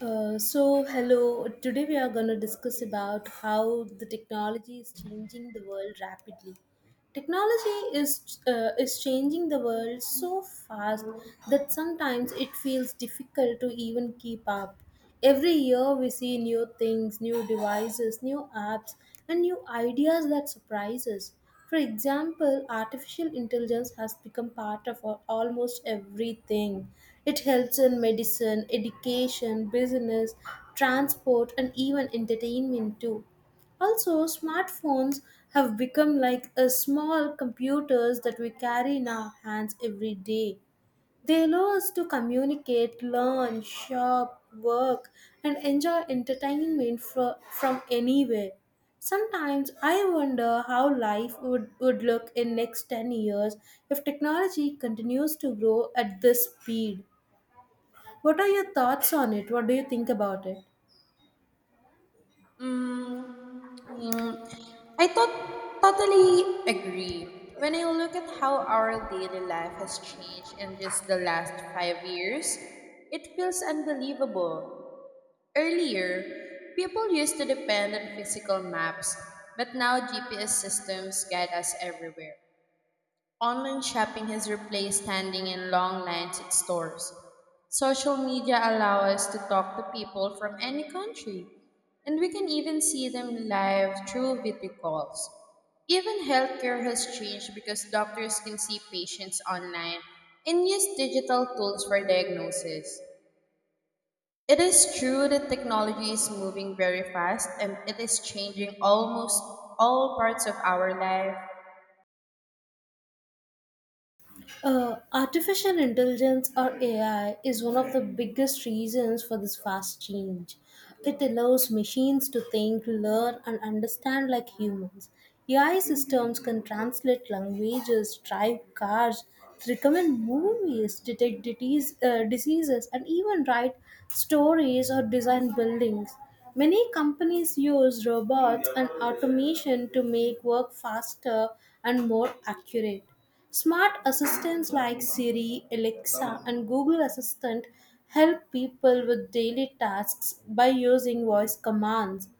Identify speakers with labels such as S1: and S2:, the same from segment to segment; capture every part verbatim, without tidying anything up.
S1: Uh, so hello, today we are going to discuss about how the technology is changing the world rapidly. Technology is uh, is changing the world so fast that sometimes it feels difficult to even keep up. Every year we see new things, new devices, new apps, and new ideas that surprise us. For example, artificial intelligence has become part of al- almost everything. It helps in medicine, education, business, transport, and even entertainment too. Also, smartphones have become like a small computers that we carry in our hands every day. They allow us to communicate, learn, shop, work, and enjoy entertainment fro- from anywhere. Sometimes I wonder how life would, would look in next ten years if technology continues to grow at this speed. What are your thoughts on it? What do you think about it?
S2: Mm, mm, I tot totally agree. When I look at how our daily life has changed in just the last five years, it feels unbelievable. Earlier, people used to depend on physical maps, but now G P S systems guide us everywhere. Online shopping has replaced standing in long lines at stores. Social media allow us to talk to people from any country, and we can even see them live through video calls. Even healthcare has changed because doctors can see patients online and use digital tools for diagnosis. It is true that technology is moving very fast and it is changing almost all parts of our life.
S1: Uh, artificial intelligence or A I is one of the biggest reasons for this fast change. It allows machines to think, learn, and understand like humans. A I systems can translate languages, drive cars, recommend movies, detect disease, uh, diseases, and even write stories or design buildings. Many companies use robots and automation to make work faster and more accurate. Smart assistants like Siri, Alexa, and Google Assistant help people with daily tasks by using voice commands.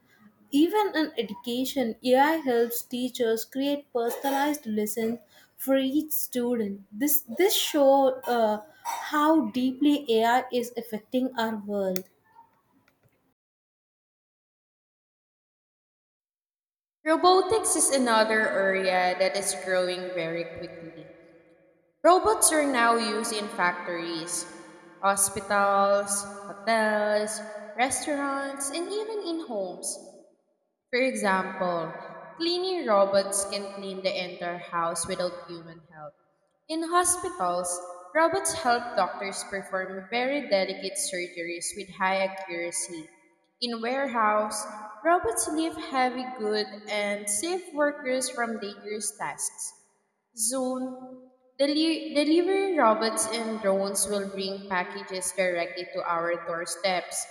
S1: Even in education, A I helps teachers create personalized lessons for each student. This this show uh, how deeply A I is affecting our world.
S2: Robotics is another area that is growing very quickly. Robots are now used in factories, hospitals, hotels, restaurants, and even in homes. For example, cleaning robots can clean the entire house without human help. In hospitals, robots help doctors perform very delicate surgeries with high accuracy. In warehouse, robots lift heavy goods and save workers from dangerous tasks. Soon, deli- delivery robots and drones will bring packages directly to our doorsteps.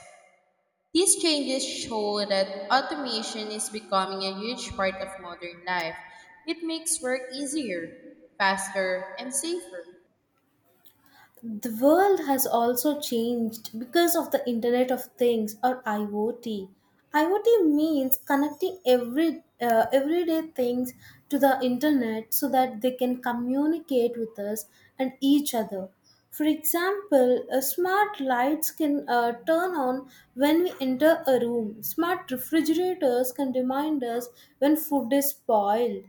S2: These changes show that automation is becoming a huge part of modern life. It makes work easier, faster, and safer.
S1: The world has also changed because of the internet of things, or iot iot means connecting every uh, everyday things to the internet so that they can communicate with us and each other. For example, uh, smart lights can uh, turn on when we enter a room. Smart refrigerators can remind us when food is spoiled,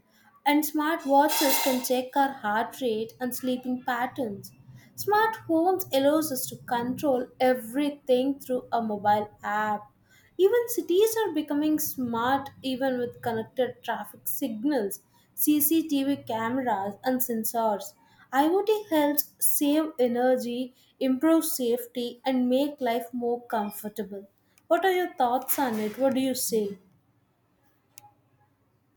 S1: and smart watches can check our heart rate and sleeping patterns. Smart homes allows us to control everything through a mobile app. Even cities are becoming smart even with connected traffic signals, C C T V cameras and sensors. IoT helps save energy, improve safety and make life more comfortable. What are your thoughts on it? What do you say?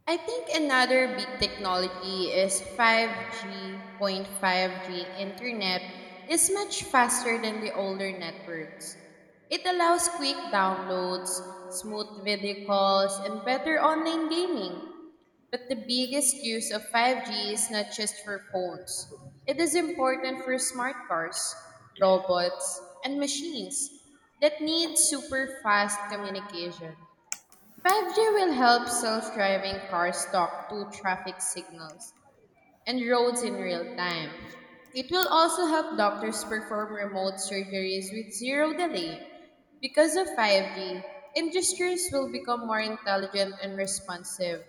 S2: I think another big technology is five G. five G internet is much faster than the older networks. It allows quick downloads, smooth video calls, and better online gaming. But the biggest use of five G is not just for phones. It is important for smart cars, robots, and machines that need super fast communication. five G will help self driving cars talk to traffic signals, and roads in real time. It will also help doctors perform remote surgeries with zero delay. Because of five G, industries will become more intelligent and responsive.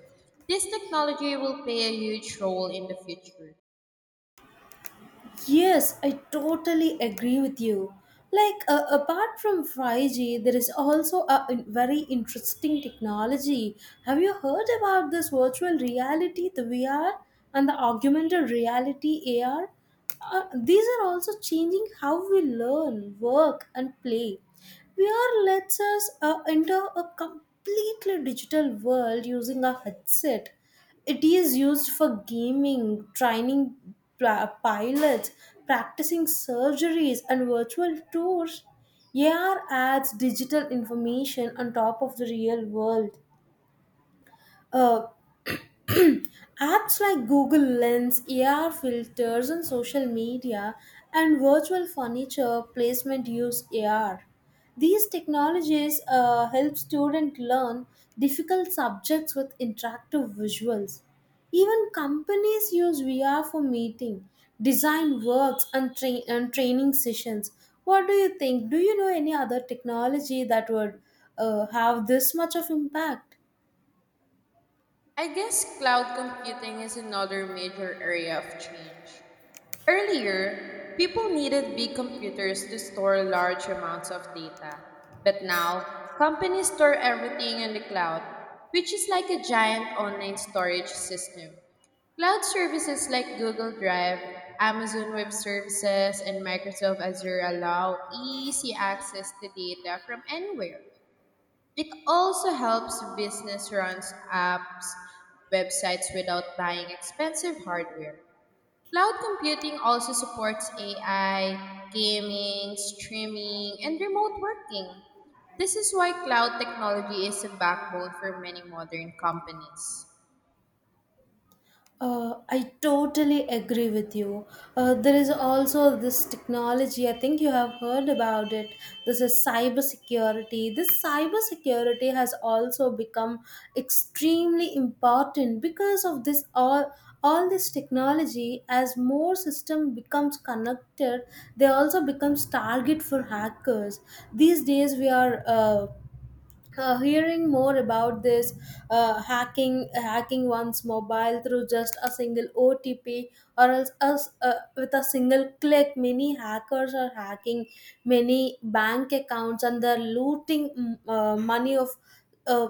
S2: This technology will play a huge role in the future.
S1: Yes, I totally agree with you. Like, uh, apart from five G, there is also a in- very interesting technology. Have you heard about this virtual reality, the V R, and the augmented reality A R? Uh, these are also changing how we learn, work, and play. V R lets us uh, enter a completely digital world using a headset. It is used for gaming, training pla- pilots, practicing surgeries, and virtual tours. A R adds digital information on top of the real world. Uh, Apps like Google Lens, A R filters on social media, and virtual furniture placement use A R. These technologies uh, help students learn difficult subjects with interactive visuals. Even companies use V R for meeting, design works, and, tra- and training sessions. What do you think? Do you know any other technology that would uh, have this much of impact?
S2: I guess cloud computing is another major area of change. Earlier, people needed big computers to store large amounts of data, but now companies store everything in the cloud, which is like a giant online storage system. Cloud services like Google Drive, Amazon Web Services, and Microsoft Azure allow easy access to data from anywhere. It also helps business run apps, websites without buying expensive hardware. Cloud computing also supports A I, gaming, streaming, and remote working. This is why cloud technology is a backbone for many modern companies.
S1: Uh, I totally agree with you. Uh, there is also this technology. I think you have heard about it. This is cybersecurity. This cybersecurity has also become extremely important because of this all all this technology. As more system becomes connected, they also becomes target for hackers. These days, we are. Uh, uh, hearing more about this uh, hacking hacking one's mobile through just a single O T P, or else us uh, with a single click many hackers are hacking many bank accounts, and they're looting mm, uh, money of uh,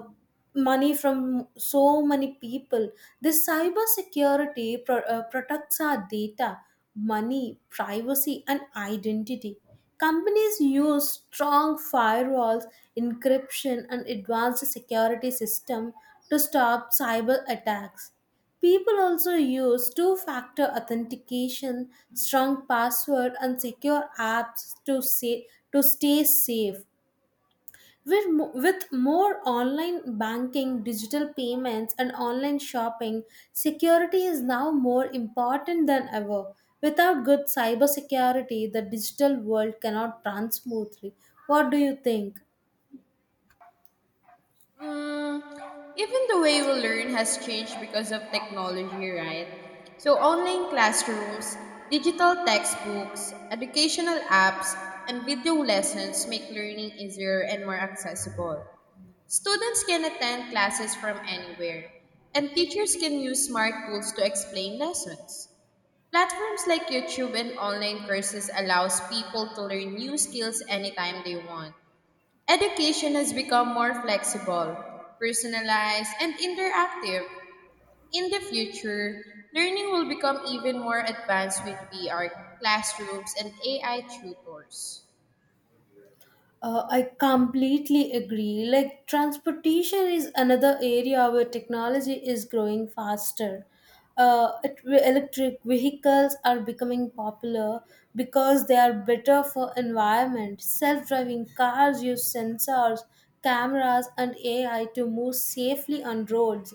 S1: money from so many people. This cyber security pro- uh, protects our data, money, privacy, and identity. Companies use strong firewalls, encryption, and advanced security system to stop cyber attacks. People also use two factor authentication, strong password, and secure apps to, say, to stay safe. With, mo- with more online banking, digital payments, and online shopping, security is now more important than ever. Without good cybersecurity, the digital world cannot run smoothly. What do you think?
S2: Mm, even the way we learn has changed because of technology, right? So, online classrooms, digital textbooks, educational apps, and video lessons make learning easier and more accessible. Students can attend classes from anywhere, and teachers can use smart tools to explain lessons. Platforms like YouTube and online courses allows people to learn new skills anytime they want. Education has become more flexible, personalized, and interactive. In the future, learning will become even more advanced with V R classrooms and A I tutors.
S1: Uh, I completely agree. Like, transportation is another area where technology is growing faster. Uh, it- electric vehicles are becoming popular because they are better for environment. Self-driving cars use sensors, cameras, and A I to move safely on roads.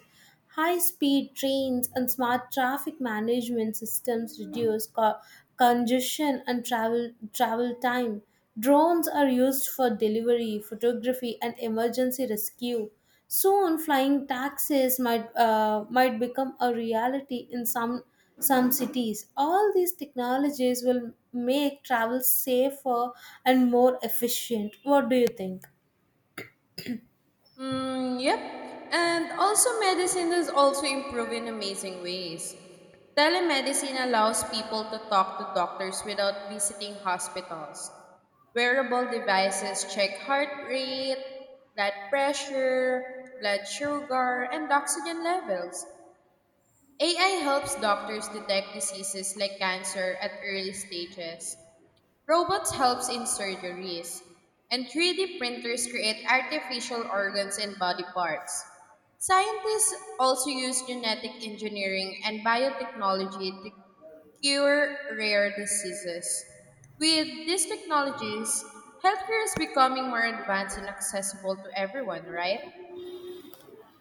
S1: High speed trains and smart traffic management systems reduce co- congestion and travel, travel time. Drones are used for delivery, photography, and emergency rescue. Soon, flying taxis might, uh, might become a reality in some, some cities. All these technologies will make travel safer and more efficient. What do you think?
S2: Mm, yep. And also, medicine has also improved in amazing ways. Telemedicine allows people to talk to doctors without visiting hospitals. Wearable devices check heart rate, blood pressure, blood sugar, and oxygen levels. A I helps doctors detect diseases like cancer at early stages. Robots helps in surgeries, and three D printers create artificial organs and body parts. Scientists also use genetic engineering and biotechnology to cure rare diseases. With these technologies, healthcare is becoming more advanced and accessible to everyone, right?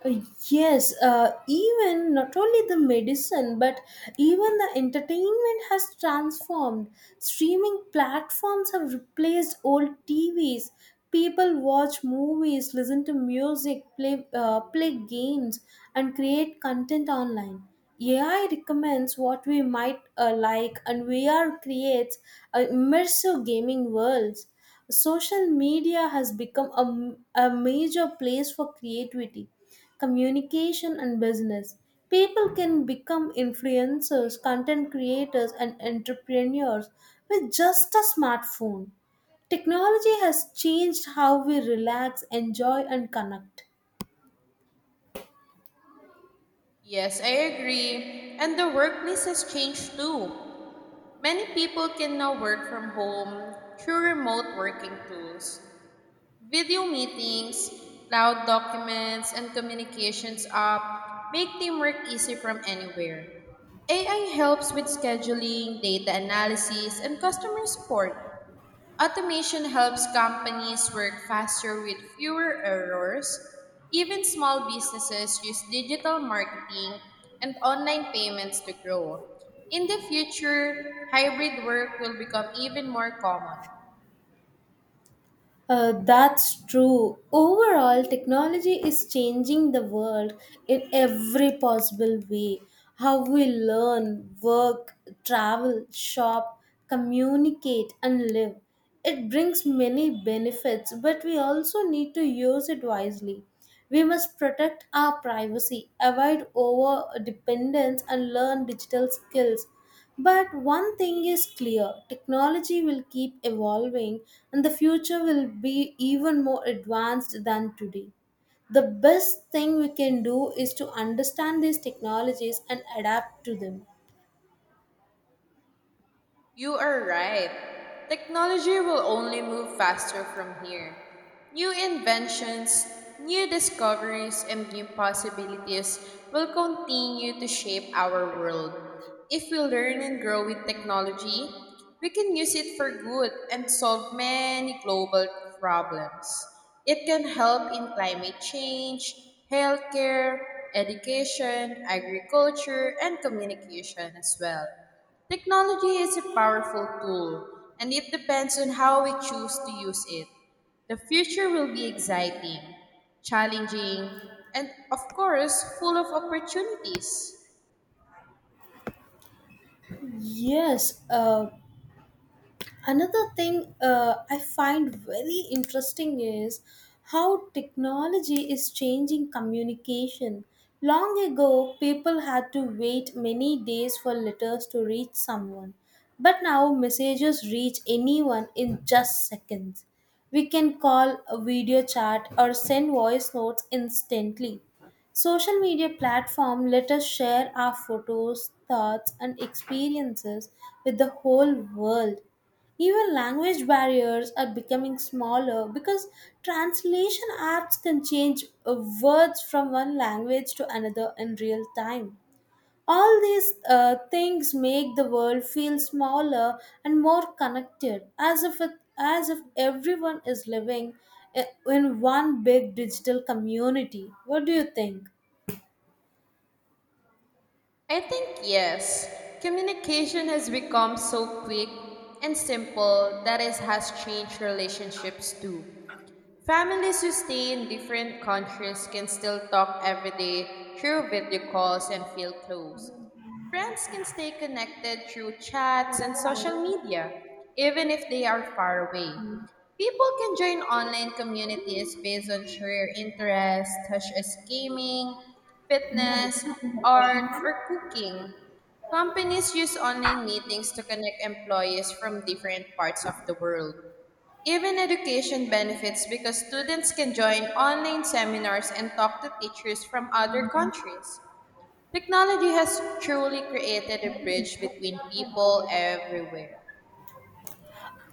S1: Uh, Yes, uh, even not only the medicine, but even the entertainment has transformed. Streaming platforms have replaced old T Vs. People watch movies, listen to music, play, uh, play games, and create content online. A I recommends what we might uh, like, and V R creates uh, immersive gaming worlds. Social media has become a, a major place for creativity, communication, and business. People can become influencers, content creators, and entrepreneurs with just a smartphone. Technology has changed how we relax, enjoy, and connect.
S2: Yes, I agree. And the workplace has changed too. Many people can now work from home through remote working tools. Video meetings, cloud documents, and communications app make teamwork easy from anywhere. A I helps with scheduling, data analysis, and customer support. Automation helps companies work faster with fewer errors. Even small businesses use digital marketing and online payments to grow. In the future, hybrid work will become even more common.
S1: Uh, that's true. Overall, technology is changing the world in every possible way. How we learn, work, travel, shop, communicate, and live. It brings many benefits, but we also need to use it wisely. We must protect our privacy, avoid over dependence, and learn digital skills. But one thing is clear: technology will keep evolving, and the future will be even more advanced than today. The best thing we can do is to understand these technologies and adapt to them.
S2: You are right. Technology will only move faster from here. New inventions, new discoveries, and new possibilities will continue to shape our world. If we learn and grow with technology, we can use it for good and solve many global problems. It can help in climate change, healthcare, education, agriculture, and communication as well. Technology is a powerful tool, and it depends on how we choose to use it. The future will be exciting, challenging, and of course, full of opportunities.
S1: Yes, uh, another thing uh, I find very interesting is how technology is changing communication. Long ago, people had to wait many days for letters to reach someone, but now messages reach anyone in just seconds. We can call, a video chat, or send voice notes instantly. Social media platform let us share our photos, thoughts, and experiences with the whole world. Even language barriers are becoming smaller because translation apps can change uh, words from one language to another in real time. All these uh, things make the world feel smaller and more connected, as if it, as if everyone is living i- in one big digital community. What do you think?
S2: I think yes, communication has become so quick and simple that it has changed relationships too. Families who stay in different countries can still talk every day through video calls and feel close. Friends can stay connected through chats and social media, even if they are far away. People can join online communities based on shared interests such as gaming, fitness, art, or cooking. Companies use online meetings to connect employees from different parts of the world. Even education benefits because students can join online seminars and talk to teachers from other countries. Technology has truly created a bridge between people everywhere.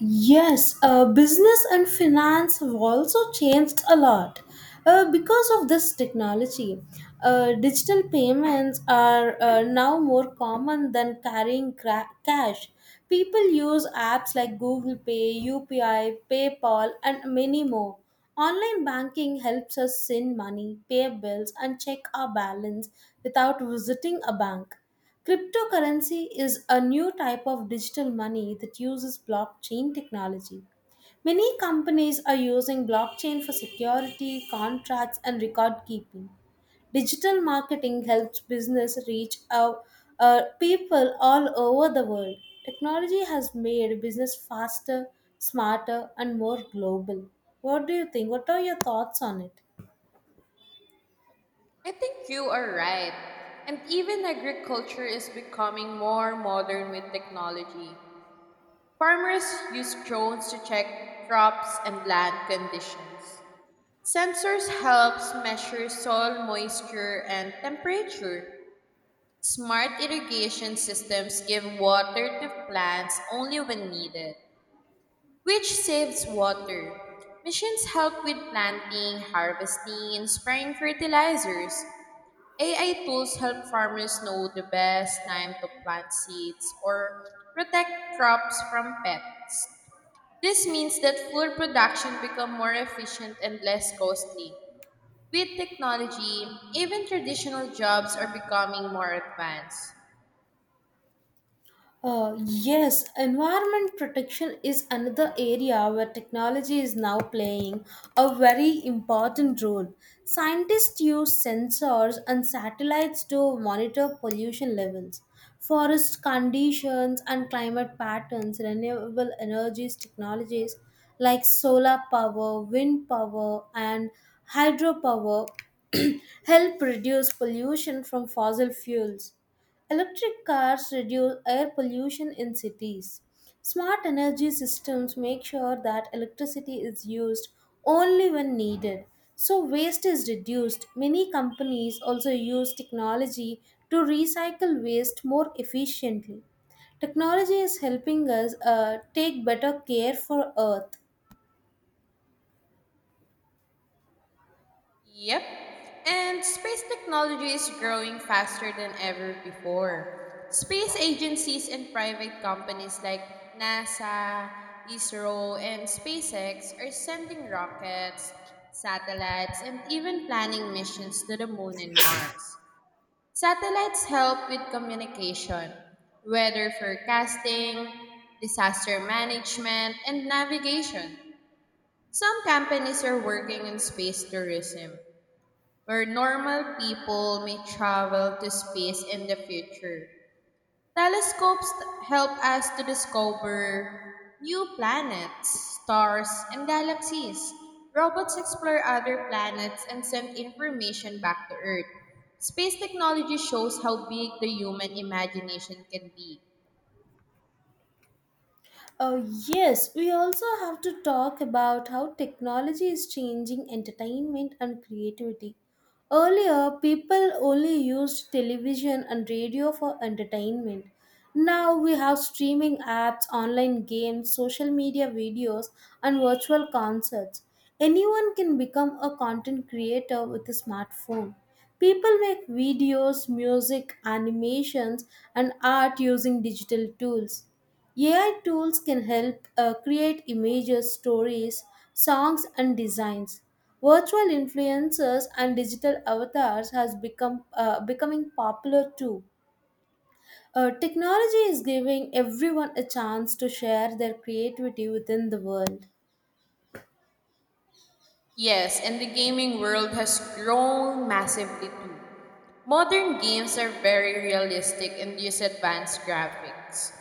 S1: Yes, uh, business and finance have also changed a lot uh, because of this technology. Uh, digital payments are uh, now more common than carrying cra- cash. People use apps like Google Pay, U P I, PayPal, and many more. Online banking helps us send money, pay bills, and check our balance without visiting a bank. Cryptocurrency is a new type of digital money that uses blockchain technology. Many companies are using blockchain for security, contracts, and record keeping. Digital marketing helps business reach out uh, people all over the world. Technology has made business faster, smarter, and more global. What do you think? What are your thoughts on it?
S2: I think you are right. And even agriculture is becoming more modern with technology. Farmers use drones to check crops and land conditions. Sensors helps measure soil moisture and temperature. Smart irrigation systems give water to plants only when needed, which saves water. Machines help with planting, harvesting, and spraying fertilizers. A I tools help farmers know the best time to plant seeds or protect crops from pests. This means that food production becomes more efficient and less costly. With technology, even traditional jobs are becoming more advanced.
S1: Uh, yes, environment protection is another area where technology is now playing a very important role. Scientists use sensors and satellites to monitor pollution levels, forest conditions, and climate patterns. Renewable energies technologies like solar power, wind power, and hydropower help reduce pollution from fossil fuels. Electric cars reduce air pollution in cities. Smart energy systems make sure that electricity is used only when needed. So, waste is reduced. Many companies also use technology to recycle waste more efficiently. Technology is helping us uh, take better care for Earth.
S2: Yep. And space technology is growing faster than ever before. Space agencies and private companies like NASA, ISRO, and SpaceX are sending rockets, satellites, and even planning missions to the moon and Mars. Satellites help with communication, weather forecasting, disaster management, and navigation. Some companies are working in space tourism where normal people may travel to space in the future. Telescopes help us to discover new planets, stars, and galaxies. Robots explore other planets and send information back to Earth. Space technology shows how big the human imagination can be.
S1: Uh, yes, we also have to talk about how technology is changing entertainment and creativity. Earlier, people only used television and radio for entertainment. Now we have streaming apps, online games, social media videos, and virtual concerts. Anyone can become a content creator with a smartphone. People make videos, music, animations, and art using digital tools. A I tools can help uh, create images, stories, songs, and designs. Virtual influencers and digital avatars has become uh, becoming popular too. Uh, technology is giving everyone a chance to share their creativity within the world.
S2: Yes, and the gaming world has grown massively too. Modern games are very realistic and use advanced graphics.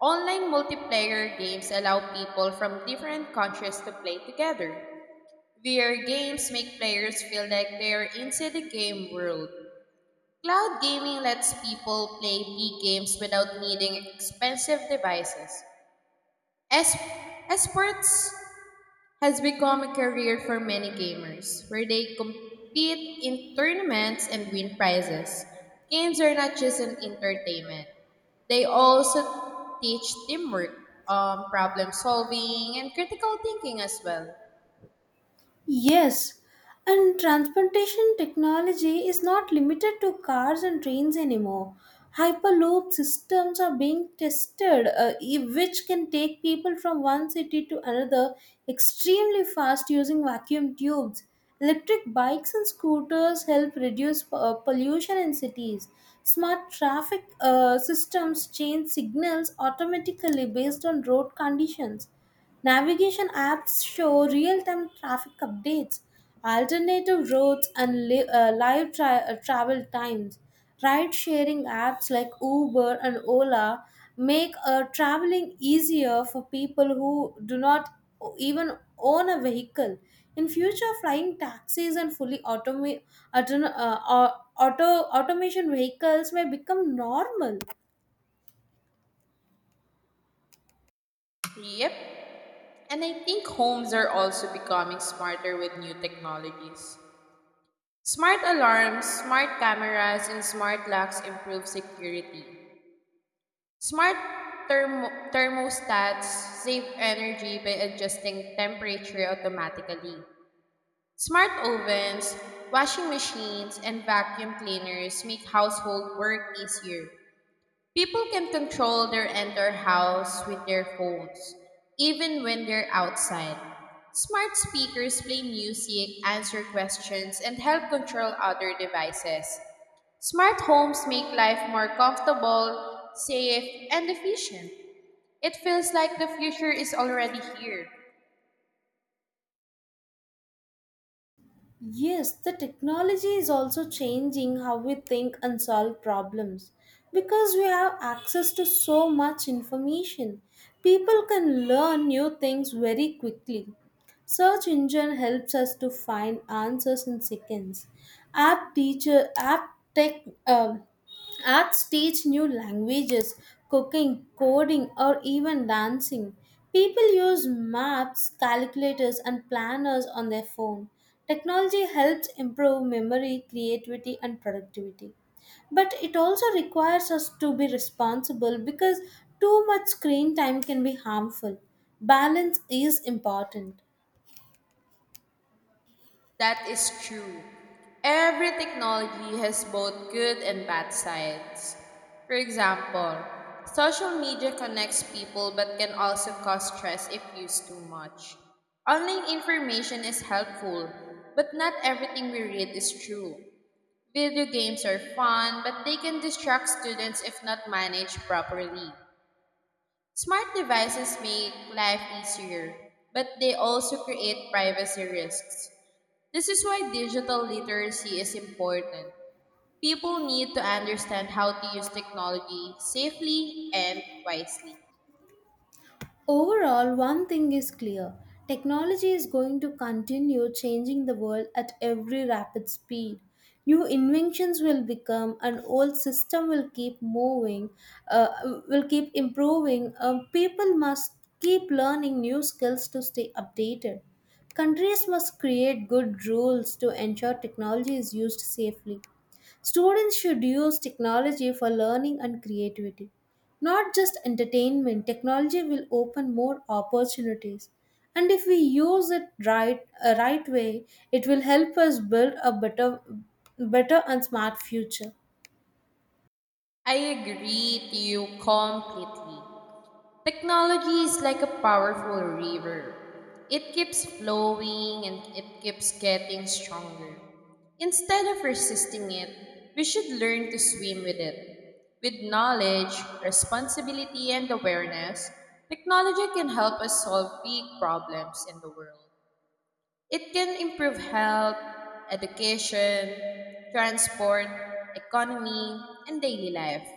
S2: Online multiplayer games allow people from different countries to play together. V R games make players feel like they are inside the game world. Cloud gaming lets people play big games without needing expensive devices. Es- esports has become a career for many gamers, where they compete in tournaments and win prizes. Games are not just an entertainment, they also teach teamwork, um, problem solving, and critical thinking as well.
S1: Yes, and transportation technology is not limited to cars and trains anymore. Hyperloop systems are being tested, uh, e- which can take people from one city to another extremely fast using vacuum tubes. Electric bikes and scooters help reduce uh, pollution in cities. Smart traffic uh, systems change signals automatically based on road conditions. Navigation apps show real time traffic updates, alternative routes, and li- uh, live tra- uh, travel times. Ride sharing apps like Uber and Ola make uh, traveling easier for people who do not o- even own a vehicle. In future, flying taxis and fully automa- auton- uh, au- auto automation vehicles may become normal.
S2: Yep, and I think homes are also becoming smarter with new technologies. Smart alarms, smart cameras, and smart locks improve security. Smart thermo- thermostats save energy by adjusting temperature automatically. Smart ovens, washing machines, and vacuum cleaners make household work easier. People can control their entire house with their phones, even when they're outside. Smart speakers play music, answer questions, and help control other devices. Smart homes make life more comfortable, safe, and efficient. It feels like the future is already here.
S1: Yes, the technology is also changing how we think and solve problems. Because we have access to so much information, people can learn new things very quickly. Search engine helps us to find answers in seconds. App teacher, app tech, uh, Arts teach new languages, cooking, coding, or even dancing. People use maps, calculators, and planners on their phone. Technology helps improve memory, creativity, and productivity. But it also requires us to be responsible because too much screen time can be harmful. Balance is important.
S2: That is true. Every technology has both good and bad sides. For example, social media connects people but can also cause stress if used too much. Online information is helpful, but not everything we read is true. Video games are fun, but they can distract students if not managed properly. Smart devices make life easier, but they also create privacy risks. This is why digital literacy is important. People need to understand how to use technology safely and wisely.
S1: Overall, one thing is clear: technology is going to continue changing the world at every rapid speed. New inventions will become, an old system will keep moving, uh, will keep improving. Um, people must keep learning new skills to stay updated. Countries must create good rules to ensure technology is used safely. Students should use technology for learning and creativity. Not just entertainment, technology will open more opportunities. And if we use it right, uh, right way, it will help us build a better, better and smart future.
S2: I agree to you completely. Technology is like a powerful river. It keeps flowing and it keeps getting stronger. Instead of resisting it, we should learn to swim with it. With knowledge, responsibility, and awareness, technology can help us solve big problems in the world. It can improve health, education, transport, economy, and daily life.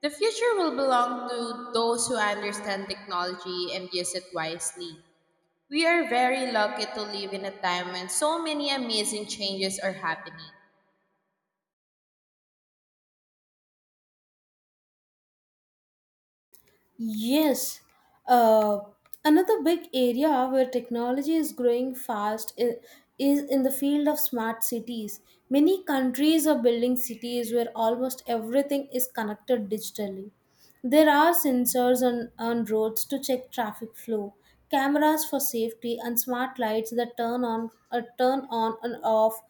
S2: The future will belong to those who understand technology and use it wisely. We are very lucky to live in a time when so many amazing changes are happening.
S1: Yes. Uh, Another big area where technology is growing fast i- is in the field of smart cities. Many countries are building cities where almost everything is connected digitally. There are sensors on, on roads to check traffic flow, cameras for safety, and smart lights that turn on uh, turn on and off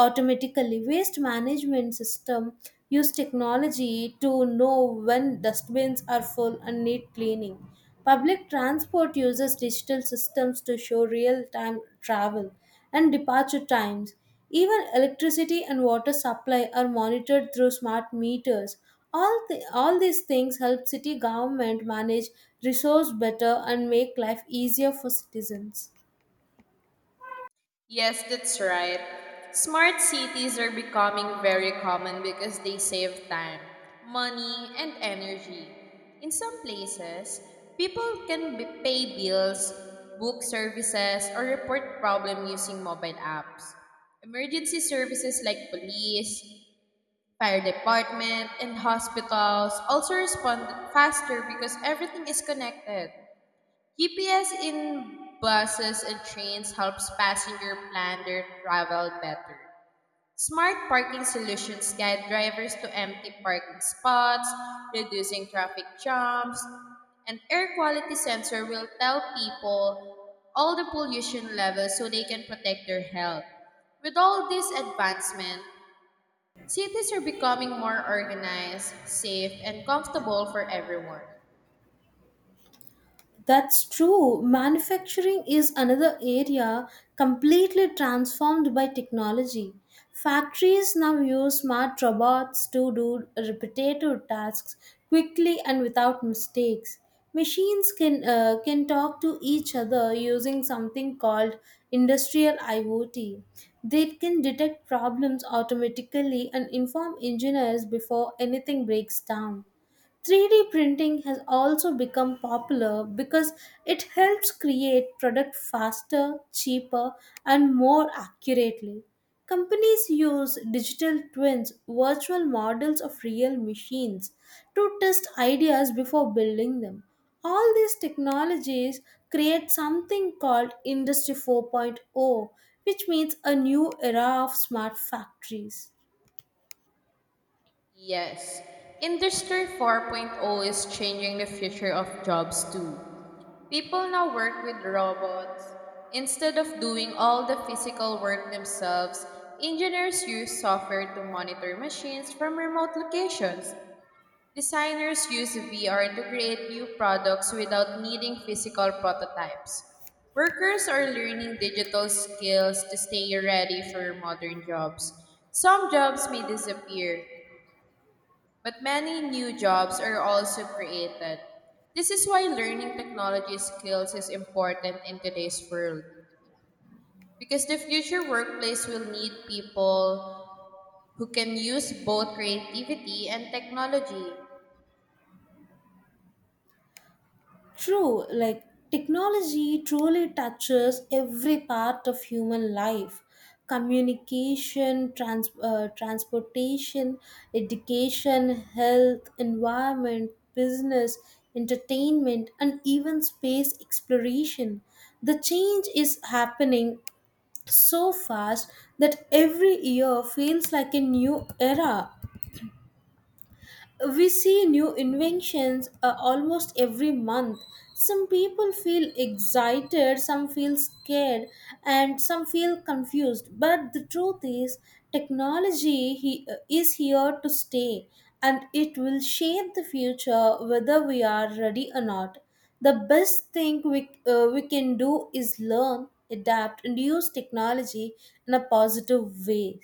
S1: automatically. Waste management system use technology to know when dustbins are full and need cleaning. Public transport uses digital systems to show real time travel and departure times. Even electricity and water supply are monitored through smart meters. All, the, all these things help city government manage resource better and make life easier for citizens.
S2: Yes, that's right. Smart cities are becoming very common because they save time, money, and energy. In some places, people can b- pay bills, book services, or report problem using mobile apps. Emergency services like police, fire department and hospitals also respond faster because everything is connected. G P S in buses and trains helps passenger plan their travel better. Smart parking solutions guide drivers to empty parking spots, reducing traffic jams, and air quality sensor will tell people all the pollution levels so they can protect their health. With all this advancement, cities are becoming more organized, safe, and comfortable for everyone.
S1: That's true. Manufacturing is another area completely transformed by technology. Factories now use smart robots to do repetitive tasks quickly and without mistakes. Machines can uh, can talk to each other using something called industrial I o T. They can detect problems automatically and inform engineers before anything breaks down. three D printing has also become popular because it helps create product faster, cheaper, and more accurately. Companies use digital twins, virtual models of real machines, to test ideas before building them. All these technologies create something called Industry 4.0, which means a new era of smart factories.
S2: Yes, Industry 4.0 is changing the future of jobs too. People now work with robots. Instead of doing all the physical work themselves, engineers use software to monitor machines from remote locations. Designers use V R to create new products without needing physical prototypes. Workers are learning digital skills to stay ready for modern jobs. Some jobs may disappear, but many new jobs are also created. This is why learning technology skills is important in today's world because the future workplace will need people who can use both creativity and technology.
S1: True, like, technology truly touches every part of human life: communication, trans- uh, transportation, education, health, environment, business, entertainment, and even space exploration. The change is happening so fast that every year feels like a new era. We see new inventions uh, almost every month. Some people feel excited, some feel scared, and some feel confused, but the truth is technology he, uh, is here to stay, and it will shape the future whether we are ready or not. The best thing we, uh, we can do is learn, adapt, and use technology in a positive way.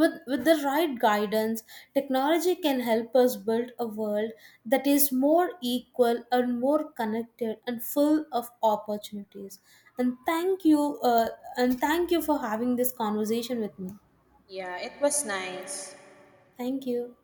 S1: With with the right guidance, technology can help us build a world that is more equal and more connected and full of opportunities. And thank you uh, and thank you for having this conversation with me.
S2: Yeah, it was nice.
S1: Thank you.